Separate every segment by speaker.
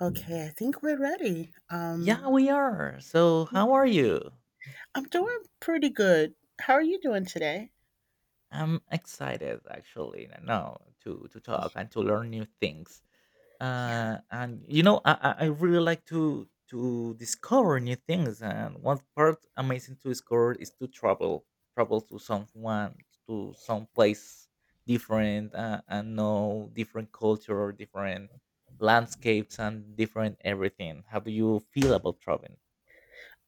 Speaker 1: Okay, I think we're ready.
Speaker 2: Yeah, we are. So, how are you?
Speaker 1: I'm doing pretty good. How are you doing today?
Speaker 2: I'm excited actually now to talk and to learn new things.
Speaker 1: Yeah,
Speaker 2: And you know, I really like to discover new things. And one part amazing to discover is to travel, travel to someone to some place different and know different culture, different landscapes, and different everything. How do you feel about traveling?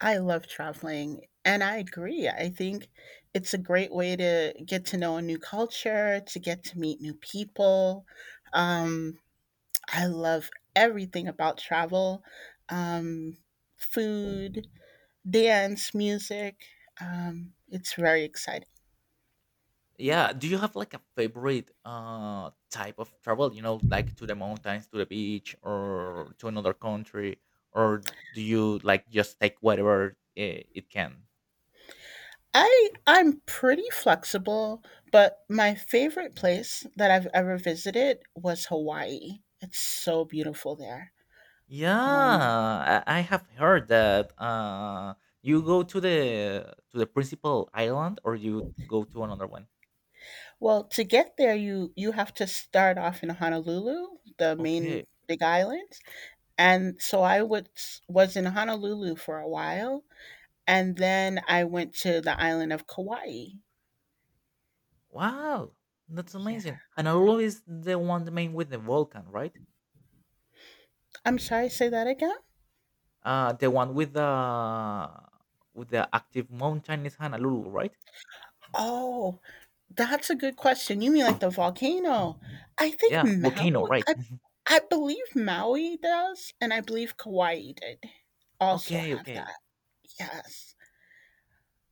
Speaker 1: I love traveling, and I agree. I think it's a great way to get to know a new culture, to get to meet new people. Um, I love everything about travel, um, food, dance, music. It's very exciting.
Speaker 2: Yeah. Do you have like a favorite type of travel? You know, like to the mountains, to the beach, or to another country, or do you like just take whatever it can?
Speaker 1: I'm pretty flexible, but my favorite place that I've ever visited was Hawaii. It's so beautiful there.
Speaker 2: Yeah,
Speaker 1: Um,
Speaker 2: I have heard that you go to the principal island or you go to another one.
Speaker 1: well, to get there, you have to start off in Honolulu, the main
Speaker 2: Okay.
Speaker 1: big island, and so I would was in Honolulu for a while, and then I went to the island of Kauai.
Speaker 2: Wow, that's
Speaker 1: Yeah,
Speaker 2: amazing. And Honolulu is the one the main with the volcan, right?
Speaker 1: I'm sorry, say that again.
Speaker 2: The one with the active mountain is Honolulu, right?
Speaker 1: Oh, that's a good question. You mean like the volcano? I think
Speaker 2: Yeah,
Speaker 1: Maui.
Speaker 2: volcano, right?
Speaker 1: I I believe Maui does, and I believe Kauai did also
Speaker 2: Okay,
Speaker 1: have
Speaker 2: okay.
Speaker 1: that. Yes.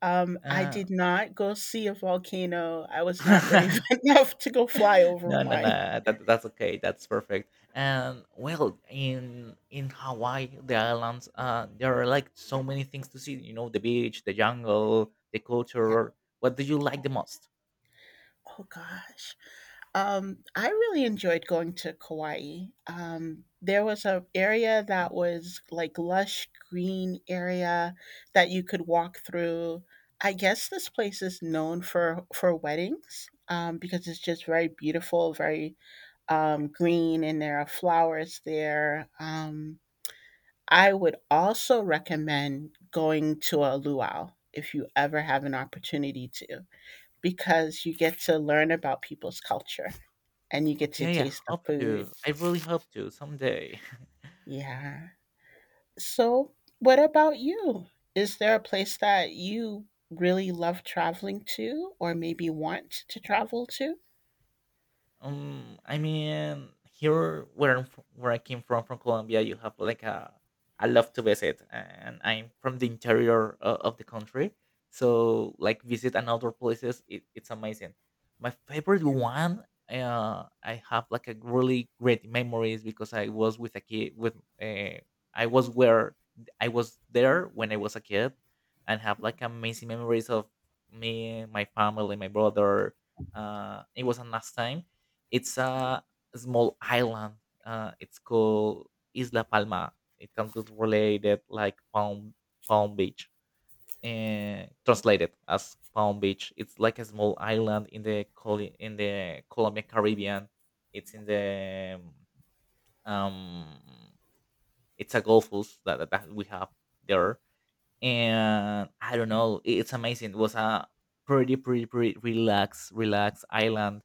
Speaker 1: I
Speaker 2: Uh,
Speaker 1: did not go see a volcano. I was not brave enough to go fly over
Speaker 2: no, no,
Speaker 1: one.
Speaker 2: no. That's okay. That's perfect. And well, in Hawaii, the islands, there are like so many things to see. You know, the beach, the jungle, the
Speaker 1: Yeah.
Speaker 2: culture. What do you like the most?
Speaker 1: Oh gosh. I really enjoyed going to Kauai. There was a area that was like lush green area that you could walk through. I guess this place is known for weddings, because it's just very beautiful, very, green, and there are flowers there. I would also recommend going to a luau if you ever have an opportunity to, because you get to learn about people's culture and you get to
Speaker 2: Okay, I
Speaker 1: taste the
Speaker 2: hope
Speaker 1: food.
Speaker 2: to. I really hope to someday.
Speaker 1: Yeah. So, what about you? Is there a place that you really love traveling to or maybe want to travel to?
Speaker 2: I mean, here where I'm from, where I came from Colombia, you have like a I love to visit, and I'm from the interior of the country, so like visit and outdoor places, it's amazing. My favorite
Speaker 1: Yeah.
Speaker 2: one, I have like a really great memories because I was with a kid with uh, I was where I was there when I was a kid, and have like amazing memories of me, my family, my brother. It was a nice time it's a small island. It's called Isla Palma. It can be related like Palm Beach, and translated as Palm Beach. It's like a small island in the in the Colombian Caribbean. It's in the um, it's a Gulf that, that we have there and I don't know, it's amazing. It was a pretty, pretty, pretty relaxed, relaxed island.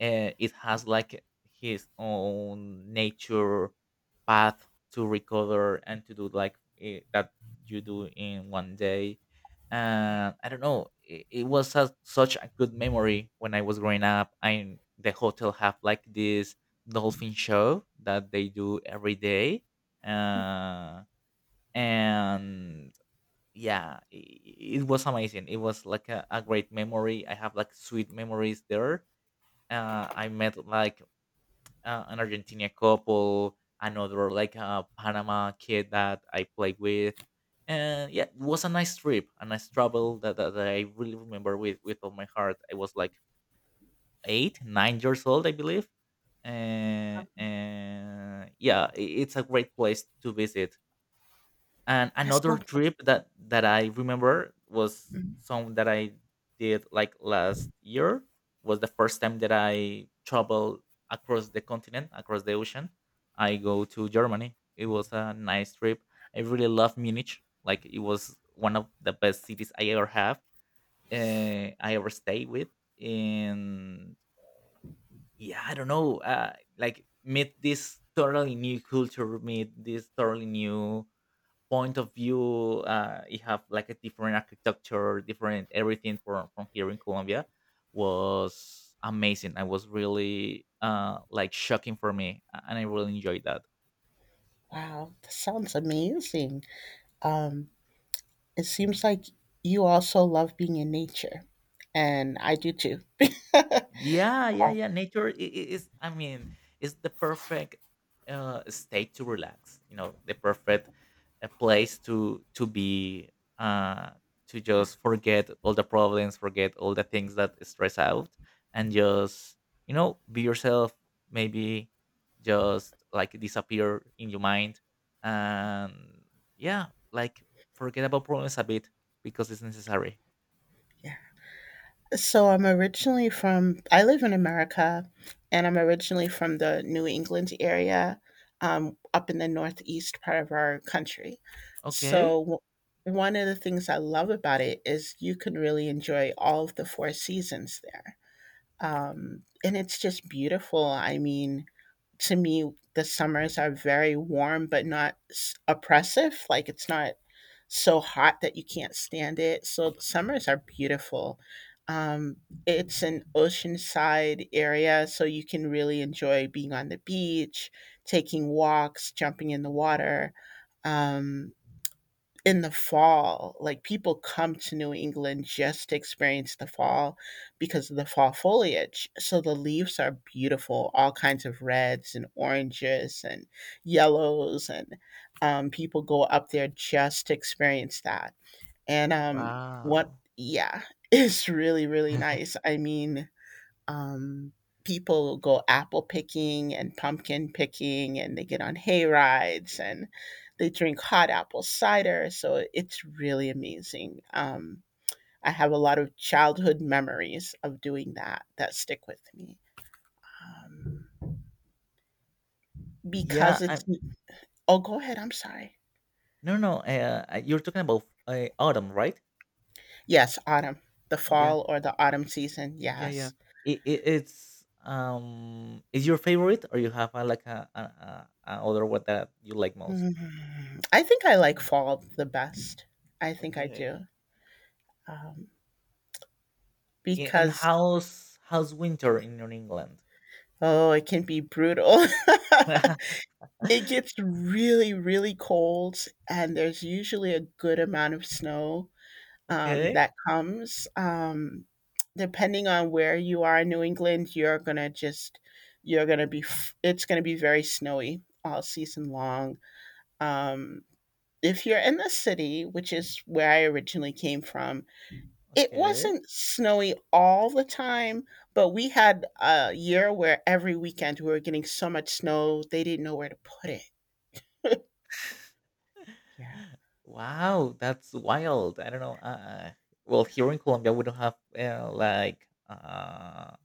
Speaker 2: It has like his own nature path to recover and to do like that you do in one day. And I don't know, it was such a good memory when I was growing up. I the hotel have like this dolphin show that they do every day. Uh, and yeah it was amazing. It was like a great memory. I have like sweet memories there. I met like an Argentina couple, another like a Panama kid that I played with, and yeah, it was a nice trip, a nice travel that, that I really remember with all my heart. I was like 8 or 9 old, I believe, and yeah, it's a great place to visit. And
Speaker 1: That
Speaker 2: another
Speaker 1: sounds
Speaker 2: trip that I remember was
Speaker 1: Mm-hmm.
Speaker 2: some that I did like last year. Was the first time that I traveled across the continent, across the ocean. I go to Germany. It was a nice trip. I really love Munich. Like it was one of the best cities I ever have. I ever stay with. And yeah, I don't know. Like meet this totally new culture, meet this totally new point of view. You have like a different architecture, different everything from here in Colombia. Was amazing. I was really like shocking for me, and I really enjoyed that.
Speaker 1: Wow, that sounds amazing. Um it seems like you also love being in nature, and I do too.
Speaker 2: Yeah, yeah,
Speaker 1: Um,
Speaker 2: yeah. Nature is, I mean, is the perfect state to relax. You know, the perfect place to be, uh, to
Speaker 1: yeah.
Speaker 2: just forget all the problems, forget all the things that stress out, and just be yourself. Maybe just like disappear in your mind, and yeah, like forget about problems a bit because it's necessary.
Speaker 1: Yeah. So I'm originally from, I live in America, and I'm originally from the New England area, up in the northeast part of our country. So
Speaker 2: Okay.
Speaker 1: one of the things I love about it is you can really enjoy all of the four seasons there. And it's just beautiful. I mean, to me, the summers are very warm, but not oppressive. Like it's not so hot that you can't stand it. So the summers are beautiful. Um, it's an oceanside area, so you can really enjoy being on the beach, taking walks, jumping in the water. Um, in the fall, like people come to New England just to experience the fall because of the fall foliage. So the leaves are beautiful, all kinds of reds and oranges and yellows, and people go up there just to experience that. And
Speaker 2: Wow.
Speaker 1: yeah, it's really, really nice. I mean, um, people go apple picking and pumpkin picking, and they get on hay rides, and they drink hot apple cider, so it's really amazing. I have a lot of childhood memories of doing that that stick with me um, because
Speaker 2: Yeah.
Speaker 1: it's Oh, go ahead, I'm sorry.
Speaker 2: No, no, you're talking about autumn, right?
Speaker 1: Yes, autumn, the
Speaker 2: Yeah,
Speaker 1: fall or the autumn season,
Speaker 2: yeah, yeah.
Speaker 1: yes.
Speaker 2: It's is your favorite, or you have like a other one that you like most?
Speaker 1: Hmm, I think I like fall the best. I think I
Speaker 2: Okay.
Speaker 1: do um,
Speaker 2: Yeah, and
Speaker 1: because
Speaker 2: how's winter in your England?
Speaker 1: Oh, it can be brutal. It gets really, really cold, and there's usually a good amount of snow,
Speaker 2: Okay,
Speaker 1: that comes. Depending on where you are in New England, you're gonna be f it's gonna be very snowy all season long. Um, if you're in the city, which is where I originally came from, it
Speaker 2: okay.
Speaker 1: wasn't snowy all the time, but we had a year where every weekend we were getting so much snow, they didn't know where to put it. Yeah.
Speaker 2: Wow, that's wild. I don't know. Uh, well, here in Colombia, we don't have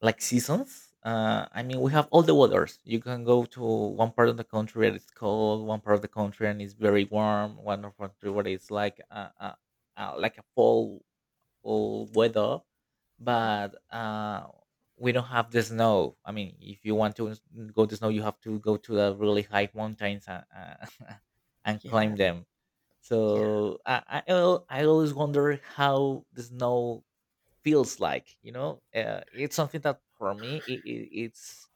Speaker 2: like seasons. I mean, we have all the weathers. You can go to one part of the country and it's cold, one part of the country and it's very warm, one of country where it's like a fall weather,
Speaker 1: Mhm.
Speaker 2: but we don't have the snow. I mean, if you want to go to snow, you have to go to the really high mountains and, and climb
Speaker 1: Yeah.
Speaker 2: them.
Speaker 1: Yeah.
Speaker 2: So I, I always wonder how the snow feels like, you know, it's something that for me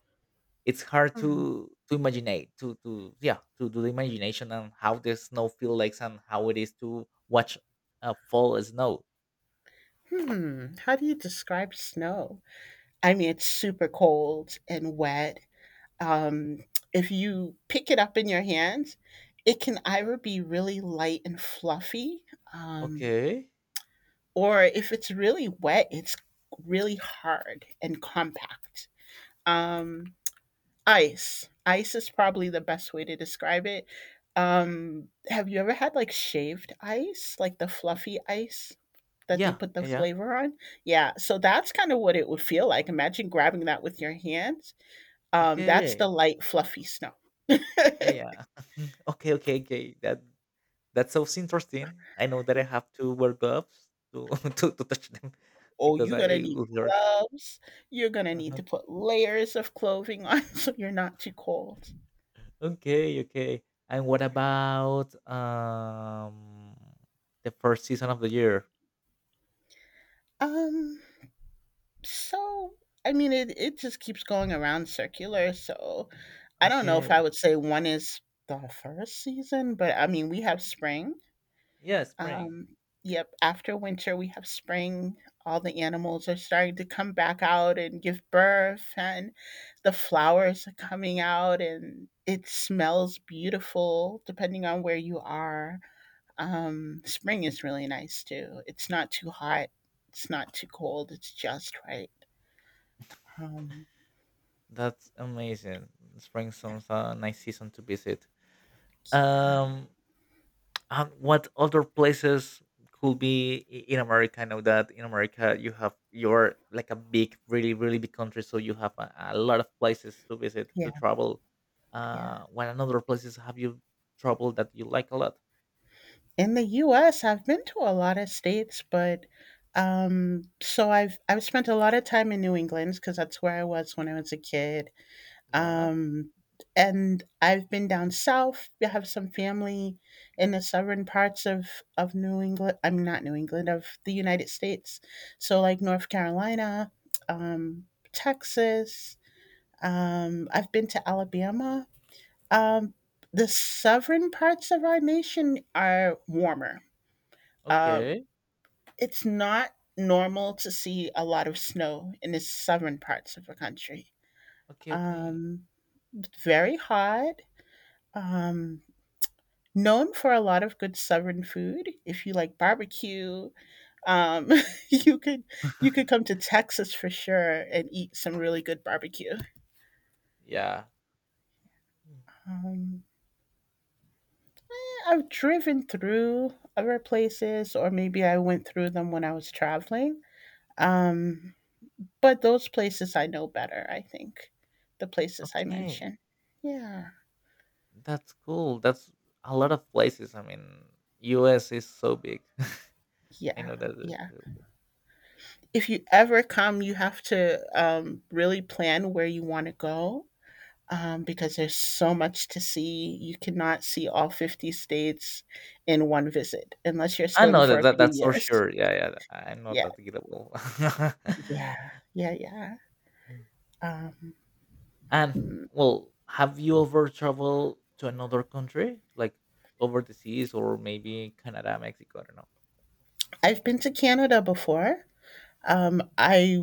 Speaker 2: it's hard
Speaker 1: Mhm.
Speaker 2: to imagine to yeah to do the imagination and how the snow feels like and how it is to watch fall snow.
Speaker 1: Hmm. How do you describe snow? I mean, it's super cold and wet. Um, if you pick it up in your hands, it can either be really light and fluffy, um,
Speaker 2: Okay.
Speaker 1: or if it's really wet, it's really hard and compact. Um, Ice. Ice is probably the best way to describe it. Have you ever had like shaved ice, like the
Speaker 2: Y-
Speaker 1: fluffy ice that they
Speaker 2: yeah,
Speaker 1: put the
Speaker 2: yeah, yeah,
Speaker 1: flavor on? Yeah, so that's kind of what it would feel like. Imagine grabbing that with your hands. That's the
Speaker 2: okay,
Speaker 1: light, fluffy snow.
Speaker 2: yeah, yeah. Okay, okay, okay. That that sounds interesting. I know that I have to wear gloves to to touch them
Speaker 1: Oh,
Speaker 2: because
Speaker 1: you're
Speaker 2: I
Speaker 1: gonna need
Speaker 2: would hurt.
Speaker 1: gloves. You're gonna need to put layers of clothing on so you're not too cold.
Speaker 2: Okay, okay. And what about the first season of the year?
Speaker 1: Um, so I mean, it just keeps going around circular. So I don't know if I
Speaker 2: Okay.
Speaker 1: would say one is the first season, but I mean, we have spring.
Speaker 2: Yeah, spring.
Speaker 1: Um, yep, after winter, we have spring. All the animals are starting to come back out and give birth, and the flowers are coming out, and it smells beautiful depending on where you are. Spring is really nice too. It's not too hot, it's not too cold, it's just right. Um,
Speaker 2: That's amazing. Spring sounds a nice season to visit. Um and what other places could be in America? I know that in America you have you're like a big, really, really big country, so you have a lot of places to visit,
Speaker 1: yeah,
Speaker 2: to travel.
Speaker 1: yeah.
Speaker 2: What another places have you traveled that you like a lot?
Speaker 1: In the US, I've been to a lot of states, but, so I've spent a lot of time in New England because that's where I was when I was a kid,
Speaker 2: Yeah.
Speaker 1: um, and I've been down south. I have some family in the southern parts of New England, I am not, New England, of the United States. So, like, North Carolina, um, Texas, I've been to Alabama. Um, the southern parts of our nation are warmer. Um,
Speaker 2: Okay.
Speaker 1: it's not normal to see a lot of snow in the southern parts of the country.
Speaker 2: Okay, okay.
Speaker 1: Um, it's very hot. Um, known for a lot of good southern food. If you like barbecue, um, you could you could come to Texas for sure and eat some really good barbecue.
Speaker 2: Yeah. Mm.
Speaker 1: Um, I've driven through other places, or maybe I went through them when I was traveling. Um, But those places I know better, I think, the places I
Speaker 2: Okay.
Speaker 1: mentioned. Yeah.
Speaker 2: That's cool. That's a lot of places. I mean, US is so big. I
Speaker 1: Yeah,
Speaker 2: know that. Is-
Speaker 1: yeah. If you ever come, you have to, really plan where you wanna go, because there's so much to see. You cannot see all 50 states in one visit unless you're
Speaker 2: I
Speaker 1: staying
Speaker 2: know
Speaker 1: for
Speaker 2: that,
Speaker 1: a few
Speaker 2: that's for
Speaker 1: years.
Speaker 2: sure. Yeah, yeah. I know
Speaker 1: Yeah,
Speaker 2: that gettable.
Speaker 1: yeah, yeah, yeah. Um,
Speaker 2: and
Speaker 1: mm,
Speaker 2: well, have you ever traveled to another country, like over the seas, or maybe Canada, Mexico? I don't know.
Speaker 1: I've been to Canada before. I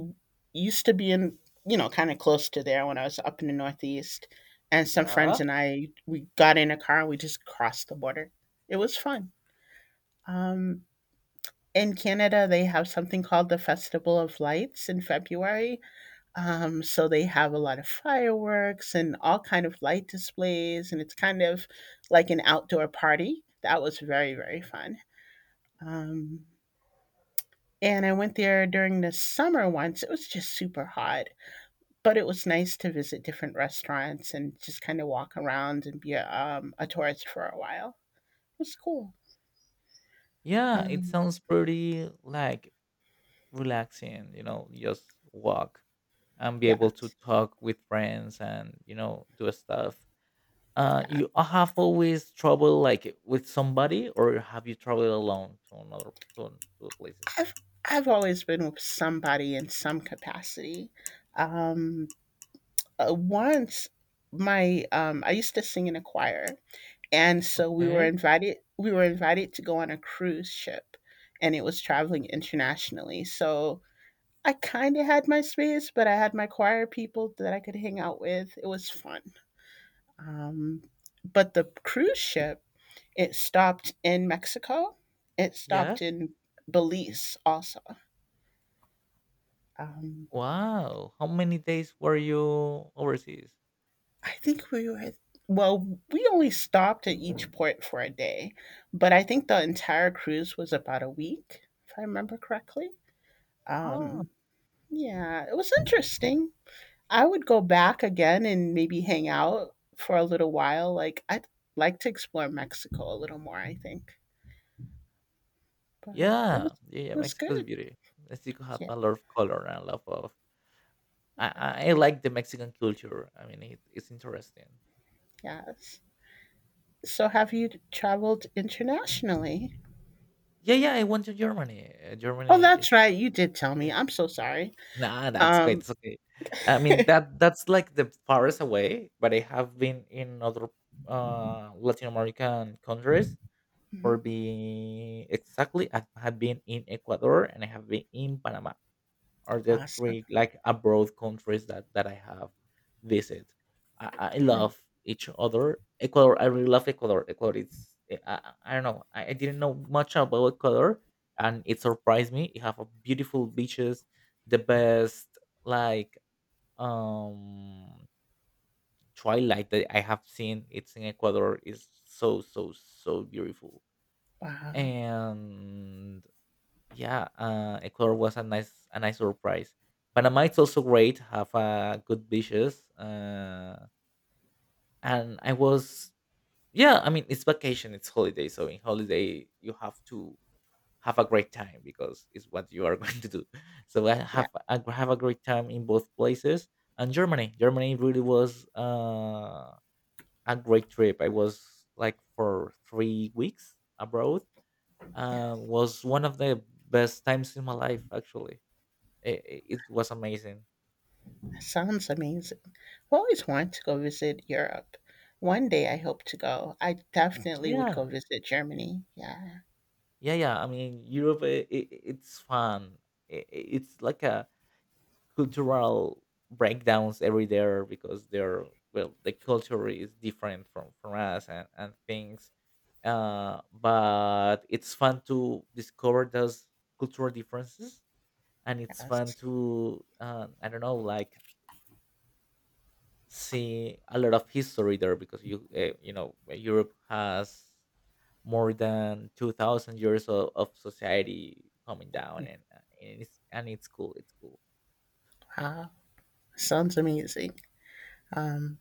Speaker 1: used to be in, you know, kind of close to there when I was up in the Northeast. And some friends
Speaker 2: Yeah.
Speaker 1: and I, we got in a car and we just crossed the border. It was fun. Um, in Canada, they have something called the Festival of Lights in February. So they have a lot of fireworks and all kind of light displays, and it's kind of like an outdoor party. That was very, very fun. Um, and I went there during the summer once. It was just super hot, but it was nice to visit different restaurants and just kinda walk around and be a tourist for a while. It was cool.
Speaker 2: Yeah, it
Speaker 1: Um,
Speaker 2: sounds pretty like relaxing. You know, just walk and be able to
Speaker 1: yes,
Speaker 2: talk with friends and you know do stuff.
Speaker 1: yeah.
Speaker 2: You have always trouble like with somebody, or have you traveled alone to another to, to places?
Speaker 1: I've I've always been with somebody in some capacity. Um, once I used to sing in a choir, and so
Speaker 2: Okay.
Speaker 1: we were invited to go on a cruise ship, and it was traveling internationally, so I kinda had my space, but I had my choir people that I could hang out with. It was fun. Um, but the cruise ship, it stopped in Mexico. It stopped
Speaker 2: Yes.
Speaker 1: in Belize also. Um,
Speaker 2: Wow. How many days were you overseas?
Speaker 1: I think we were, well, we only stopped at each port for a day, but I think the entire cruise was about a week, if I remember correctly.
Speaker 2: Oh,
Speaker 1: Um, yeah, it was interesting. I would go back again and maybe hang out for a little while. Like, I'd like to explore Mexico a little more, I think. But
Speaker 2: yeah,
Speaker 1: it
Speaker 2: yeah, yeah.
Speaker 1: was good.
Speaker 2: Mexico's
Speaker 1: Yeah.
Speaker 2: beauty. Mexico have a lot of color and a lot of. I like the Mexican culture. I mean, it's interesting.
Speaker 1: Yes. So have you traveled internationally?
Speaker 2: Yeah, yeah. I went to Germany.
Speaker 1: Oh,
Speaker 2: Germany.
Speaker 1: that's
Speaker 2: Is
Speaker 1: right, you did tell me. I'm so sorry.
Speaker 2: Nah, that's okay.
Speaker 1: Um,
Speaker 2: It's okay. I mean that's like the farthest away, but I have been in other Latin American countries.
Speaker 1: mhm,
Speaker 2: For being exactly, I have been in Ecuador and I have been in Panama are the
Speaker 1: awesome.
Speaker 2: three like abroad countries that I have visited. I
Speaker 1: Yeah,
Speaker 2: love each other. Ecuador, I really love Ecuador. Ecuador, it's I don't know. I didn't know much about Ecuador, and it surprised me. You have a beautiful beaches, the best like um twilight that I have seen. It's in Ecuador. Is so so so beautiful
Speaker 1: wow.
Speaker 2: and yeah, Ecuador was a nice surprise. Panama it's also great, have good beaches, and I was yeah. I mean, it's vacation, it's holiday, so in holiday you have to have a great time because it's what you are going to do. So
Speaker 1: Yeah,
Speaker 2: I have a great time in both places. And Germany, Germany really was a great trip. I was like for 3 weeks abroad.
Speaker 1: yeah,
Speaker 2: Was one of the best times in my life actually. It was amazing.
Speaker 1: that sounds amazing. I've always wanted to go visit Europe. One day I hope to go. I definitely would go
Speaker 2: Yeah.
Speaker 1: visit Germany. Yeah,
Speaker 2: Yeah, yeah. I mean, Europe, I it's fun. I it's like a cultural breakdowns every there because they're well, the culture is different from us and things. But it's fun to discover those cultural differences, and it's fun
Speaker 1: yes.
Speaker 2: to I don't know, like see a lot of history there because you you know Europe has more than 2000 years of society coming down
Speaker 1: Yeah.
Speaker 2: and it's cool it's cool.
Speaker 1: Wow. Sounds amazing. Um,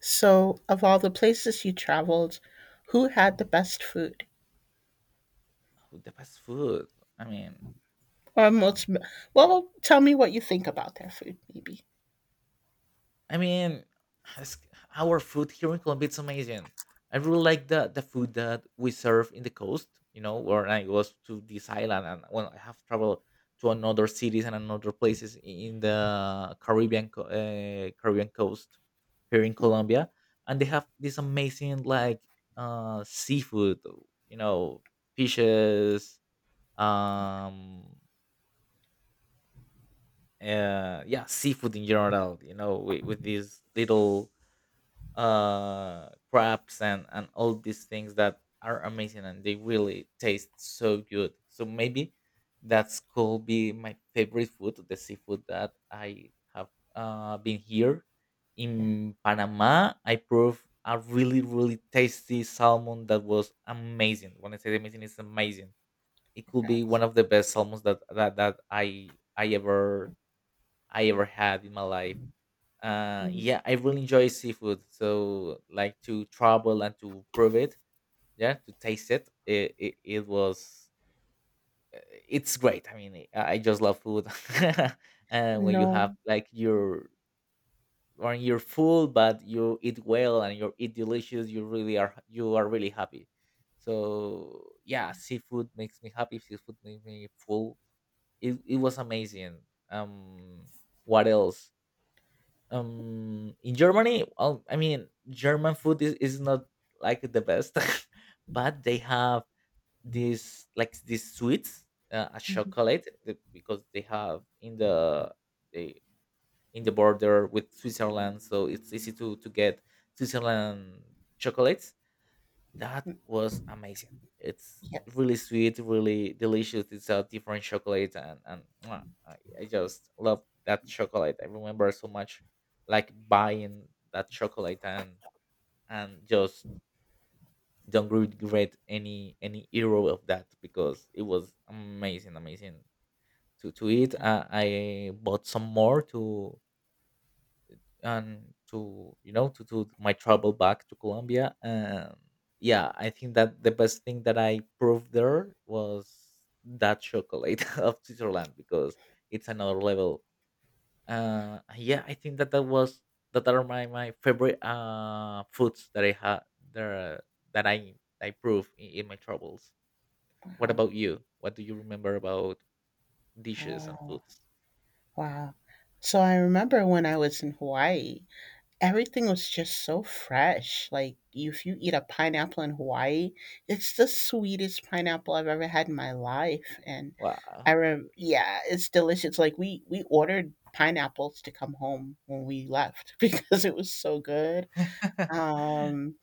Speaker 1: so of all the places you traveled, who had the best food?
Speaker 2: Oh, the fast food I mean.
Speaker 1: Or most, well, tell me what you think about their food, maybe.
Speaker 2: I mean, it's- our food here in Colombia it's amazing. I really like the food that we serve in the coast. You know, where I was to this island, and when I have traveled to another cities and another places in the Caribbean coast here in Colombia, and they have this amazing like seafood. You know, fishes. Um, yeah, seafood in general. With these little crabs and all these things that are amazing, and they really taste so good, so maybe that's could be my favorite food, the seafood that I have been here.
Speaker 1: Yeah,
Speaker 2: In Panama, I proved a really tasty salmon that was amazing. When I say amazing, it's amazing. It
Speaker 1: I
Speaker 2: could be
Speaker 1: guess.
Speaker 2: one of the best salmons that that I ever had in my life.
Speaker 1: Mhm.
Speaker 2: Yeah, I really enjoy seafood, so like to travel and to prove it. Yeah, to taste it. It was uh, it's great. I mean, I just love food. And when you
Speaker 1: No.
Speaker 2: have like your, or you're full, but you eat well and you eat delicious, you really are, you are really happy. So yeah, seafood makes me happy, seafood makes me full. It was amazing. um what else? In Germany, well, I mean, German food is not like the best. But they have this, like, these sweets, a
Speaker 1: Mhm.
Speaker 2: chocolate because they have in the they in the border with Switzerland, so it's easy to get Switzerland chocolates. That was amazing. It's
Speaker 1: Yep.
Speaker 2: really sweet, really delicious. It's a different chocolate, and mwah, I just love that chocolate. I remember so much, like buying that chocolate and just don't regret any euro of that because it was amazing, amazing to eat. I bought some more to and to to do my travel back to Colombia. And yeah, I think that the best thing that I proved there was that chocolate of Switzerland because it's another level. Yeah, I think that was that are my favorite foods that I had there that I prove in my travels. What
Speaker 1: Wow.
Speaker 2: about you? What do you remember about dishes and
Speaker 1: Oh,
Speaker 2: foods?
Speaker 1: wow. So I remember when I was in Hawaii, everything was just so fresh. Like, you- if you eat a pineapple in Hawaii, it's the sweetest pineapple I've ever had in my life. And
Speaker 2: Wow.
Speaker 1: I rem yeah, it's delicious. Like we ordered pineapples to come home when we left because it was so good. Um,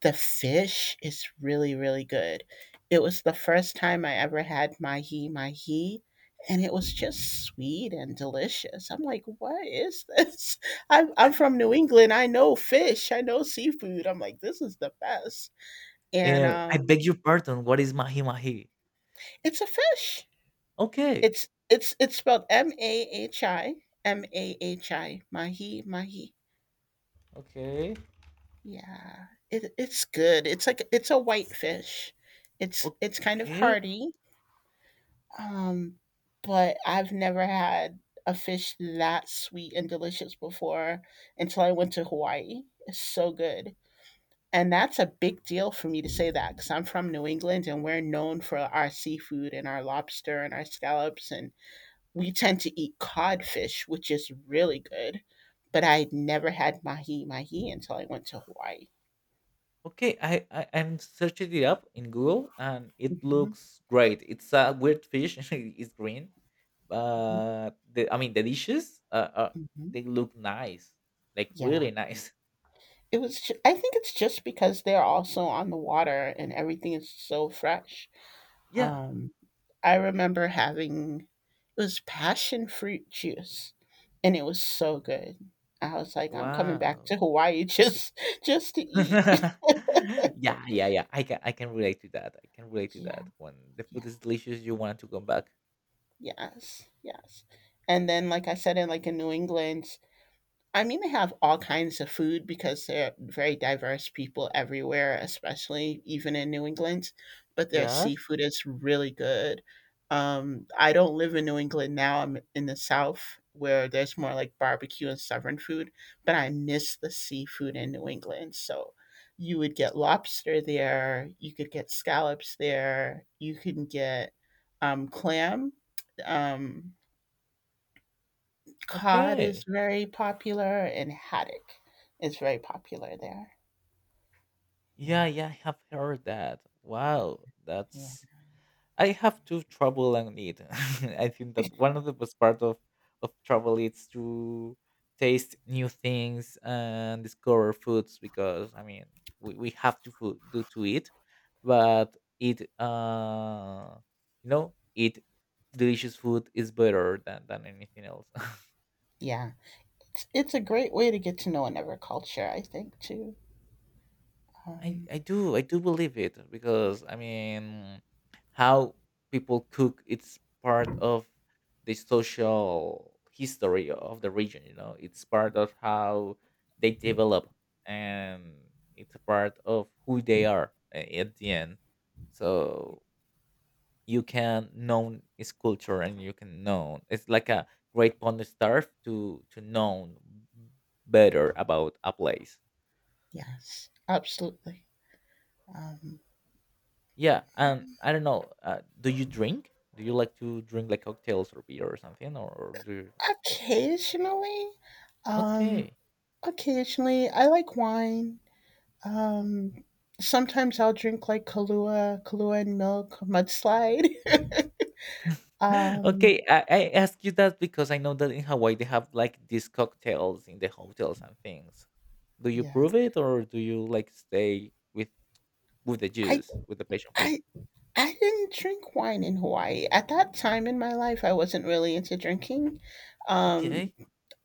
Speaker 1: The fish is really, really good. It was the first time I ever had mahi mahi, and it was just sweet and delicious. I'm like, what is this? I'm from New England. I know fish. I know seafood. I'm like, this is the best. And
Speaker 2: Eh, I beg your pardon. What is mahi mahi?
Speaker 1: it's a fish.
Speaker 2: Okay.
Speaker 1: It's spelled M A H I M A H I mahi mahi.
Speaker 2: Okay.
Speaker 1: Yeah, it's good. It's like it's a white fish. It's kind of
Speaker 2: Okay.
Speaker 1: hearty. Um, but I've never had a fish that sweet and delicious before until I went to Hawaii. It's so good. And that's a big deal for me to say that because I'm from New England and we're known for our seafood and our lobster and our scallops. And we tend to eat codfish, which is really good. But I had never had mahi mahi until I went to Hawaii.
Speaker 2: Okay. I'm searching it up in Google, and it
Speaker 1: Hmm.
Speaker 2: looks great. It's a weird fish. It's green,
Speaker 1: Hmm.
Speaker 2: but the, I mean, the dishes
Speaker 1: Hmm.
Speaker 2: they look nice, like
Speaker 1: Yeah.
Speaker 2: really nice.
Speaker 1: It was ju I think it's just because they're also on the water and everything is so fresh.
Speaker 2: Yeah.
Speaker 1: Um, I remember having it was passion fruit juice, and it was so good. I was like, I'm coming back
Speaker 2: Wow.
Speaker 1: to Hawaii just to eat.
Speaker 2: Yeah, yeah, yeah, I can relate to that. I can relate to
Speaker 1: Yeah,
Speaker 2: that. When the food
Speaker 1: yeah,
Speaker 2: is delicious, you want to come back.
Speaker 1: yes, yes. And then, like I said, in like in New England, I mean, they have all kinds of food because they're very diverse people everywhere, especially even in New England. But their
Speaker 2: Yes.
Speaker 1: seafood is really good. I don't live in New England now. I'm in the South where there's more like barbecue and Southern food, but I miss the seafood in New England. So you would get lobster there, you could get scallops there, you can get clam. Um, Cod is
Speaker 2: Okay.
Speaker 1: very popular and haddock is very popular there.
Speaker 2: Yeah,
Speaker 1: Yeah,
Speaker 2: yeah, I have heard that. Wow.
Speaker 1: yeah,
Speaker 2: That's I have two trouble and need. I think that one of the best part of travel is to taste new things and discover foods because I mean we have to food, do to eat, but eat eat delicious food is better than anything else.
Speaker 1: yeah. It's a great way to get to know another culture, I think, too.
Speaker 2: I
Speaker 1: Um,
Speaker 2: I do I do believe it because I mean how people cook, it's part of the social history of the region, it's part of how they develop, and it's a part of who they are at the end. So you can know its culture, and you can know it's like a great pond starve to know better about a place.
Speaker 1: yes, absolutely. Um,
Speaker 2: Yeah, and I don't know. Do you drink? Do you like to drink like cocktails or beer or something? Or do you...
Speaker 1: Occasionally, um,
Speaker 2: Okay.
Speaker 1: occasionally, I like wine. Um, Sometimes I'll drink like Kahlua, Kahlua and milk, mudslide. Um,
Speaker 2: Okay. I ask you that because I know that in Hawaii they have like these cocktails in the hotels and things. Do you
Speaker 1: yeah.
Speaker 2: prove it, or do you like stay with the
Speaker 1: I,
Speaker 2: juice, with the passion fruit?
Speaker 1: I I didn't drink wine in Hawaii. At that time in my life, I wasn't really into drinking. Um,
Speaker 2: Okay,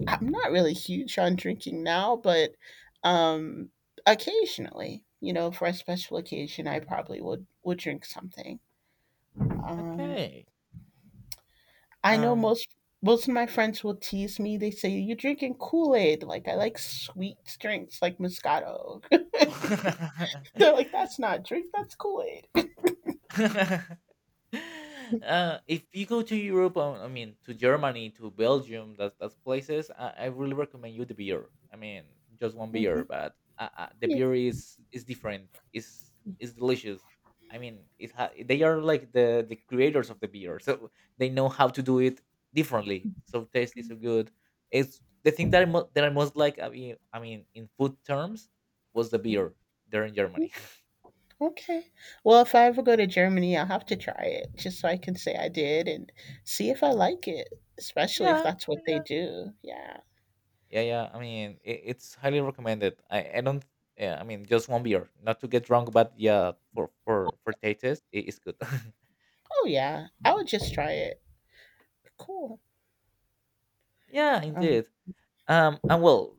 Speaker 1: I'm not really huge on drinking now, but um, occasionally, you know, for a special occasion, I probably would drink something. Um,
Speaker 2: okay.
Speaker 1: I know
Speaker 2: Um.
Speaker 1: most of my friends will tease me. They say you're drinking Kool Aid. Like I like sweet drinks, like Moscato. They're like, that's not drink, that's Kool Aid.
Speaker 2: If you go to Europe, I mean, to Germany, to Belgium, that's places. I really recommend you the beer. I mean, just one beer,
Speaker 1: Hmm.
Speaker 2: but the
Speaker 1: Yeah.
Speaker 2: beer is different. Is is delicious. I mean, they are like the creators of the beer, so they know how to do it differently. So taste is so good. It's the thing that that I most like. I mean, in food terms, was the beer there in Germany.
Speaker 1: Okay. Well, if I ever go to Germany, I'll have to try it just so I can say I did and see if I like it, especially if
Speaker 2: Yeah,
Speaker 1: that's what they
Speaker 2: yeah.
Speaker 1: do. Yeah.
Speaker 2: Yeah, yeah. I mean, it's highly recommended. I don't. Yeah, I mean, just one beer, not to get drunk, but yeah, for for taste, it is good.
Speaker 1: Oh, yeah. I would just try it. Cool.
Speaker 2: Yeah,
Speaker 1: Um,
Speaker 2: indeed. And well,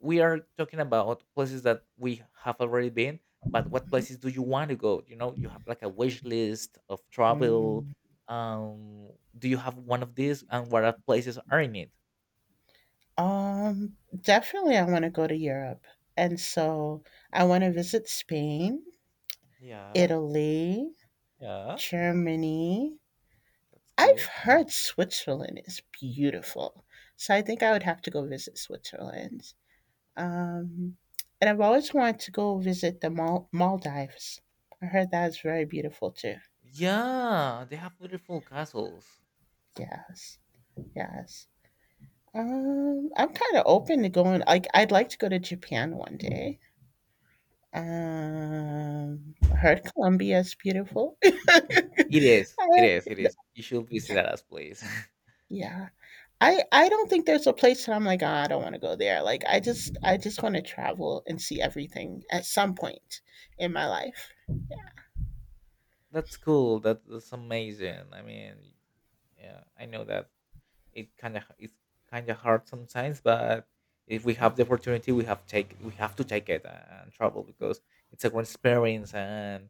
Speaker 2: we are talking about places that we have already been, but what places do you want to go? You know, you have like a wish list of travel.
Speaker 1: mhm.
Speaker 2: Um, do you have one of these, and what are places are in it?
Speaker 1: um Definitely I want to go to Europe. And so I want to visit Spain,
Speaker 2: Yeah,
Speaker 1: Italy,
Speaker 2: yeah,
Speaker 1: Germany.
Speaker 2: that's
Speaker 1: I've
Speaker 2: good.
Speaker 1: heard Switzerland is beautiful. So I think I would have to go visit Switzerland. Um, and I've always wanted to go visit the Maldives. I heard that's very beautiful too.
Speaker 2: Yeah, they have beautiful castles.
Speaker 1: Yes, yes. I'm kind of open to going. Like, I'd like to go to Japan one day. I heard Colombia is beautiful.
Speaker 2: It is, it
Speaker 1: Uh,
Speaker 2: is, it is. You should
Speaker 1: yeah,
Speaker 2: visit us, place.
Speaker 1: yeah. I don't think there's a place that I'm like, ah, I don't want to go there. Like, I just want to travel and see everything at some point in my life.
Speaker 2: That's cool. That's amazing. I mean, yeah, I know that it's kind of hard sometimes, but if we have the opportunity, we have to take it and travel because it's a great experience. And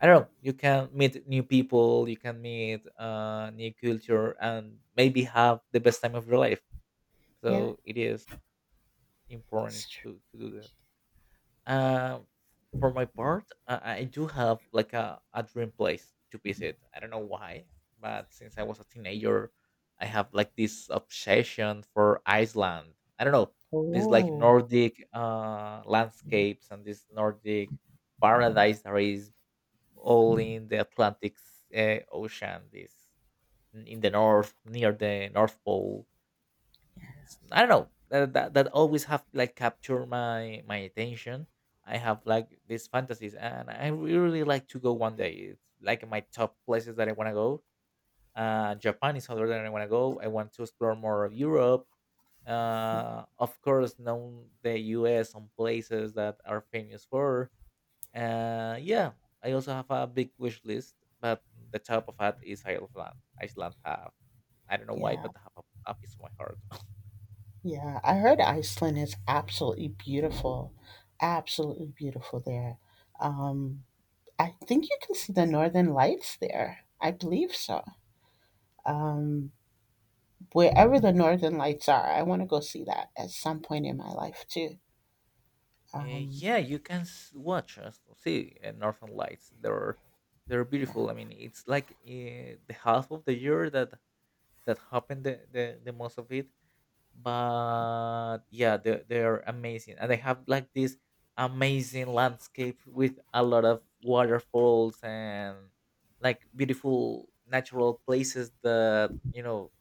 Speaker 2: I don't know, you can meet new people, you can meet new culture, and maybe have the best time of your life.
Speaker 1: Yeah,
Speaker 2: So it is important
Speaker 1: it's true.
Speaker 2: to do that. Uh, for my part, I do have like a dream place to visit. I don't know why, but since I was a teenager, I have like this obsession for Iceland. I don't know, these like
Speaker 1: Oh.
Speaker 2: Nordic landscapes and this Nordic paradise that is all in the Atlantic Ocean. This in the north, near the North Pole. I don't know that, that always have like capture my attention. I have like these fantasies, and I really, really like to go one day. It's like my top places that I want to go. Japan is other than I want to go. I want to explore more of Europe. Of course, know the U.S. some places that are famous for. Yeah, I also have a big wish list, but the top of that is Iceland. Iceland have, I don't know why,
Speaker 1: Yeah,
Speaker 2: but have a piece of my heart.
Speaker 1: yeah. I heard Iceland is absolutely beautiful there. Um, I think you can see the northern lights there. I believe so. Um, Wherever the northern lights are, I want to go see that at some point in my life too. Um,
Speaker 2: Yeah, you can watch us see Northern Lights. They're
Speaker 1: yeah.
Speaker 2: beautiful. I mean, it's like the half of the year that happened the most of it, but yeah, they're amazing, and they have like this amazing landscape with a lot of waterfalls and like beautiful natural places that, you know,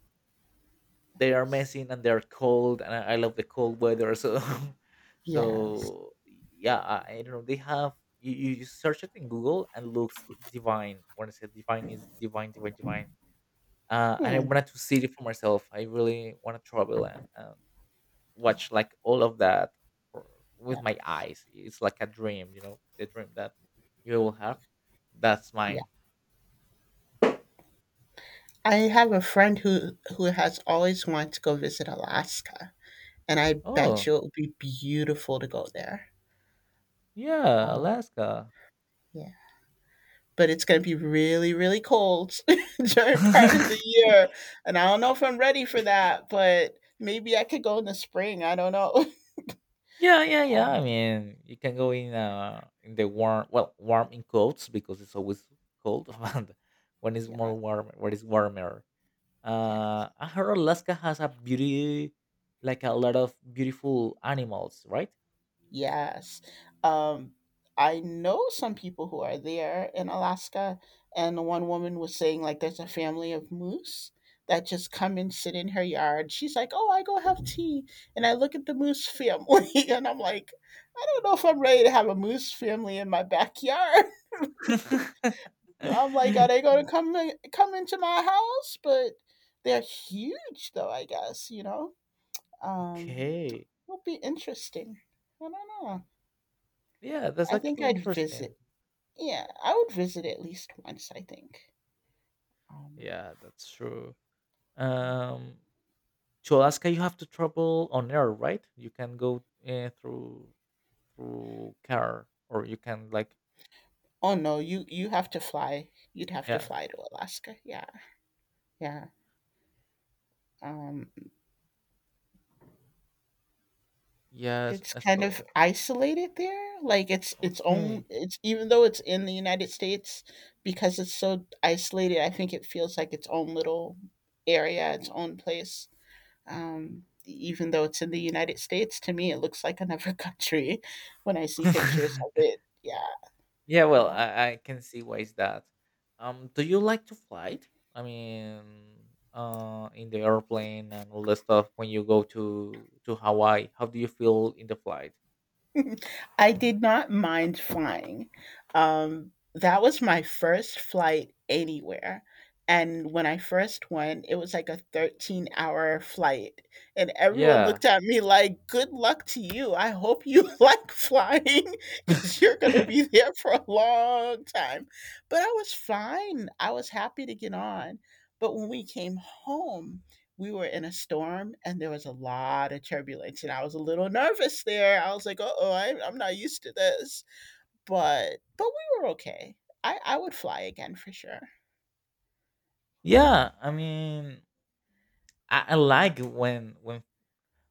Speaker 2: they are amazing, and they're cold, and I love the cold weather. So
Speaker 1: Yes.
Speaker 2: so yeah, I don't know, they have, you search it in Google and looks divine. When I say divine is divine, divine, divine. And I
Speaker 1: Hmm.
Speaker 2: wanted to see it for myself. I really want to travel and
Speaker 1: Yeah.
Speaker 2: watch like all of that for, with
Speaker 1: Yeah.
Speaker 2: my eyes. It's like a dream, the dream that you will have. That's
Speaker 1: Yeah.
Speaker 2: mine.
Speaker 1: I have a friend who has always wanted to go visit Alaska, and I
Speaker 2: Oh,
Speaker 1: bet you it would be beautiful to go there.
Speaker 2: yeah,
Speaker 1: Um,
Speaker 2: Alaska.
Speaker 1: yeah. But it's gonna be really, really cold during part of the year, and I don't know if I'm ready for that, but maybe I could go in the spring, I don't know.
Speaker 2: Yeah, yeah, yeah. I
Speaker 1: uh
Speaker 2: mean, you can go in the warm, well, warm in coats because it's always cold. And when it's
Speaker 1: yeah,
Speaker 2: more warm, when it's warmer.
Speaker 1: yes,
Speaker 2: I heard Alaska has a beauty, like a lot of beautiful animals, right?
Speaker 1: yes. Um, I know some people who are there in Alaska, and one woman was saying, like, there's a family of moose that just come and sit in her yard. She's like, "Oh, I go have tea," and I look at the moose family, and I'm like, "I don't know if I'm ready to have a moose family in my backyard." I'm like, are they gonna come into my house? But they're huge, though. I guess you know. Um,
Speaker 2: Okay.
Speaker 1: It'll be interesting. I don't know.
Speaker 2: Yeah, that's
Speaker 1: I think
Speaker 2: actually
Speaker 1: I'd
Speaker 2: interesting.
Speaker 1: visit. Yeah, I would visit at least once. I think. Um,
Speaker 2: Yeah, that's true.
Speaker 1: yeah.
Speaker 2: Um, to Alaska, you have to travel on air, right? You can go through car, or you can like,
Speaker 1: Oh no, you have to fly. You'd have to
Speaker 2: yeah,
Speaker 1: fly to Alaska. Yeah, yeah. Um,
Speaker 2: yes,
Speaker 1: It's kind of
Speaker 2: esto.
Speaker 1: isolated there, like, it's its own
Speaker 2: Okay.
Speaker 1: it's even though it's in the United States, because it's so isolated, I think it feels like its own little area, its own place. Even though it's in the United States, to me, it looks like another country when I see pictures of it. Yeah,
Speaker 2: Yeah, well,
Speaker 1: yeah.
Speaker 2: I can see why is that. Do you like to fly? I mean, in the airplane and all that stuff. When you go to Hawaii, how do you feel in the flight?
Speaker 1: I did not mind flying. That was my first flight anywhere. And when I first went, it was like a 13-hour hour flight. And everyone
Speaker 2: Yeah.
Speaker 1: looked at me like, good luck to you. I hope you like flying because you're going to be there for a long time. But I was fine. I was happy to get on. But when we came home, we were in a storm and there was a lot of turbulence and I was a little nervous there. I was like, "Uh-oh, I'm not used to this." But we were okay. I would fly again for sure. Yeah.
Speaker 2: Yeah, I mean, I like when when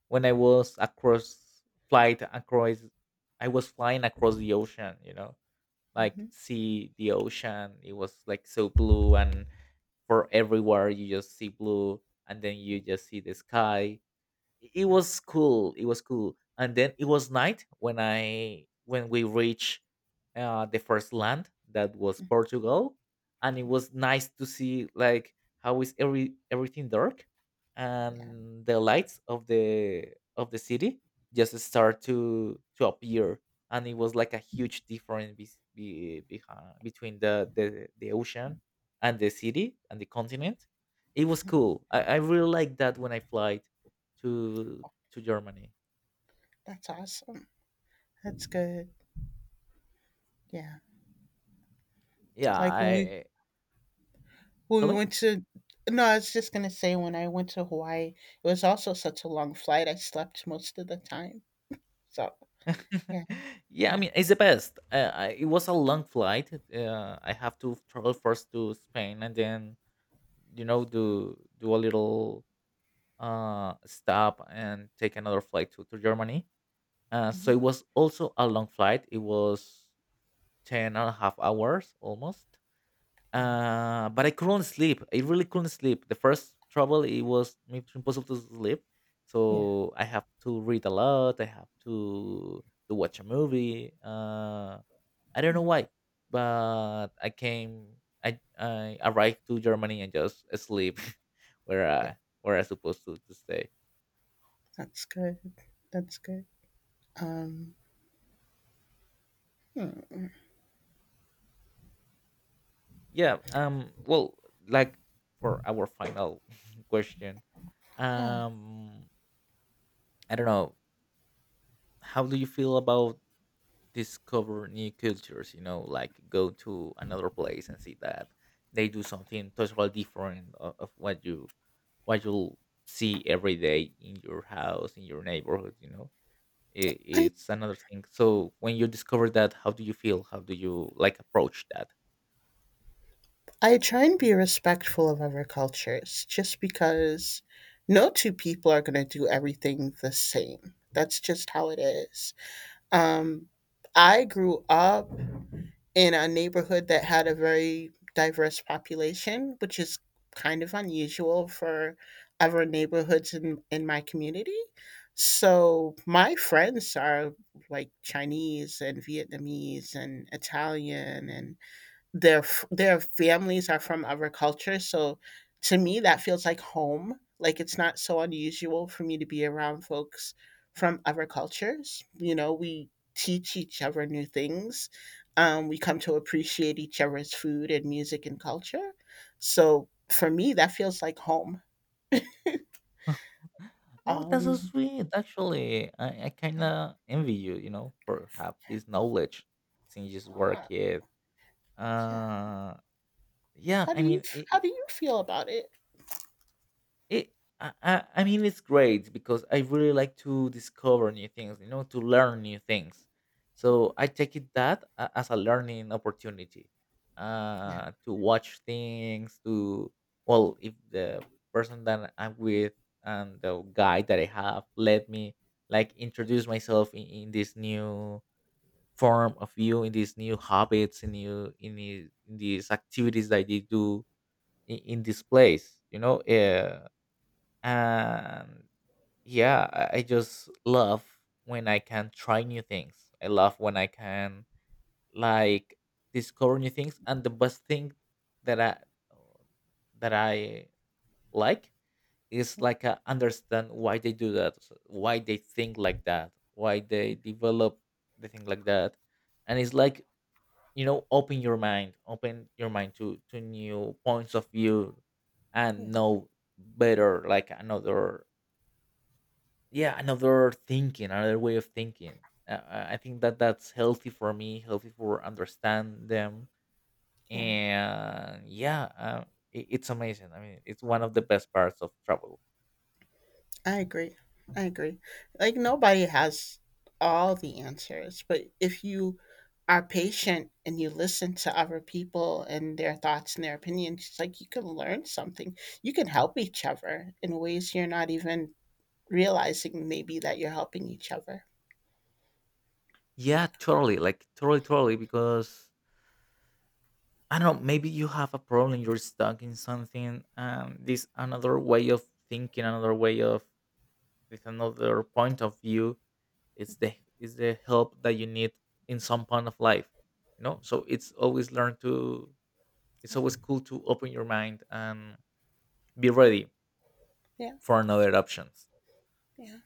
Speaker 2: when I was across flight across, I was flying across the ocean. You know, like
Speaker 1: Hmm.
Speaker 2: see the ocean. It was like so blue, and for everywhere you just see blue, and then you just see the sky. It
Speaker 1: Yeah,
Speaker 2: was cool, and then it was night when I when we reached the first land, that was Portugal. And it was nice to see like how is everything dark
Speaker 1: yeah.
Speaker 2: and the lights of the city just start to appear, and it was like a huge difference between the ocean and the city and the continent. It was cool. I really like that when I fly to Germany.
Speaker 1: That's awesome. That's good. Yeah.
Speaker 2: Yeah,
Speaker 1: Like
Speaker 2: I
Speaker 1: when
Speaker 2: tell
Speaker 1: we
Speaker 2: me.
Speaker 1: went to No, I was just gonna say when I went to Hawaii, it was also such a long flight. I slept most of the time. So yeah,
Speaker 2: Yeah, I
Speaker 1: yeah,
Speaker 2: mean, it's the best. It was a long flight. I have to travel first to Spain and then, you know, do a little stop and take another flight to Germany. So
Speaker 1: mhm,
Speaker 2: it was also a long flight. It was 10 and a half hours almost.
Speaker 1: yeah,
Speaker 2: But I couldn't sleep. I really couldn't sleep. The first trouble, it was maybe impossible to sleep.
Speaker 1: yeah,
Speaker 2: So I have to read a lot. I have to watch a movie. I don't know
Speaker 1: yeah.
Speaker 2: why, but I came. I arrived to Germany and just sleep
Speaker 1: Yeah.
Speaker 2: where I supposed to stay.
Speaker 1: That's good. That's good. Um, hmm,
Speaker 2: Yeah. Well, like for our final question,
Speaker 1: yeah,
Speaker 2: um, I don't know. How do you feel about discover new cultures, you know, like go to another place and see that they do something totally different of what you what you'll see every day in your house, in your neighborhood, you know.
Speaker 1: I
Speaker 2: It's another thing. So when you discover that, how do you feel? How do you like approach that?
Speaker 1: I try and be respectful of other cultures, just because no two people are going to do everything the same. That's just how it is. Um, I grew up in a neighborhood that had a very diverse population, which is kind of unusual for other neighborhoods in my community. So my friends are like Chinese and Vietnamese and Italian and their their families are from other cultures, so to me that feels like home. Like it's not so unusual for me to be around folks from other cultures. You know, we teach each other new things. We come to appreciate each other's food and music and culture, so for me that feels like home.
Speaker 2: Oh, that's so
Speaker 1: um,
Speaker 2: sweet. Actually, I kind
Speaker 1: yeah,
Speaker 2: of envy you, you know, for have this knowledge since you just work it.
Speaker 1: yeah.
Speaker 2: Uh, yeah,
Speaker 1: how do
Speaker 2: I
Speaker 1: you
Speaker 2: mean,
Speaker 1: how
Speaker 2: it,
Speaker 1: do you feel about it?
Speaker 2: It, I mean, it's great because I really like to discover new things, you know, to learn new things. So I take it that as a learning opportunity,
Speaker 1: Yeah,
Speaker 2: to watch things, to, well, if the person that I'm with and the guy that I have let me like introduce myself in this new form of you, in these new habits, in these activities that they do in this place, you know, and yeah, I just love when I can try new things. I love when I can, like, discover new things. And the best thing that oh, that I like is, like, I understand why they do that, so why they think like that, why they develop the thing like that. And it's like, you know, open your mind, to new points of view, and
Speaker 1: yeah,
Speaker 2: know better, like another. Yeah, another thinking, another way of thinking. I think that that's healthy for me, healthy for understand them.
Speaker 1: yeah.
Speaker 2: And yeah, it's amazing. I mean, it's one of the best parts of travel.
Speaker 1: I agree. I agree. Like nobody has all the answers, but if you are patient and you listen to other people and their thoughts and their opinions, it's like you can learn something. You can help each other in ways you're not even realizing maybe that you're helping each other.
Speaker 2: Yeah, totally. Like totally, totally. Because I don't know, maybe you have a problem, you're stuck in something. This another way of thinking, another way of, with another point of view. It's the Is the help that you need in some point of life. You know, so it's
Speaker 1: Yeah.
Speaker 2: always cool to open your mind and be ready
Speaker 1: Yeah.
Speaker 2: for another options.
Speaker 1: Yeah.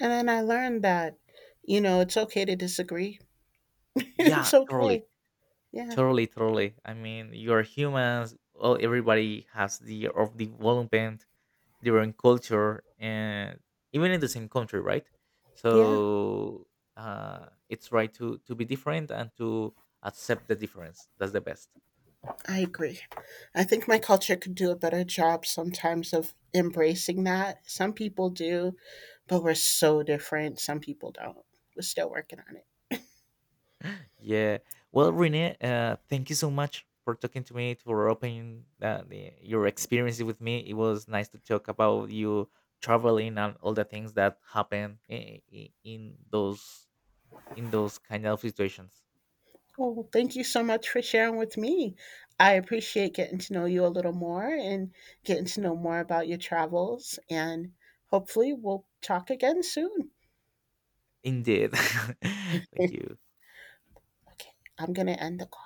Speaker 1: And then I learned that, you know, it's okay to disagree.
Speaker 2: Yeah,
Speaker 1: It's okay. Yeah.
Speaker 2: totally I mean, you're humans. Well, everybody has the of development their own culture, and even in the same country, right?
Speaker 1: Yeah.
Speaker 2: So it's right to be different and to accept the difference. That's the best.
Speaker 1: I agree. I think my culture could do a better job sometimes of embracing that. Some people do, but we're so different. Some people don't. We're still working on it.
Speaker 2: Yeah. Well,
Speaker 1: Yeah.
Speaker 2: Renee, thank you so much for talking to me, for opening your experience with me. It was nice to talk about you traveling and all the things that happen in those in those kind of situations.
Speaker 1: Well, thank you so much for sharing with me. I appreciate getting to know you a little more and getting to know more about your travels. And hopefully, we'll talk again soon.
Speaker 2: Indeed. Thank
Speaker 1: Okay,
Speaker 2: you.
Speaker 1: I'm going to end the call.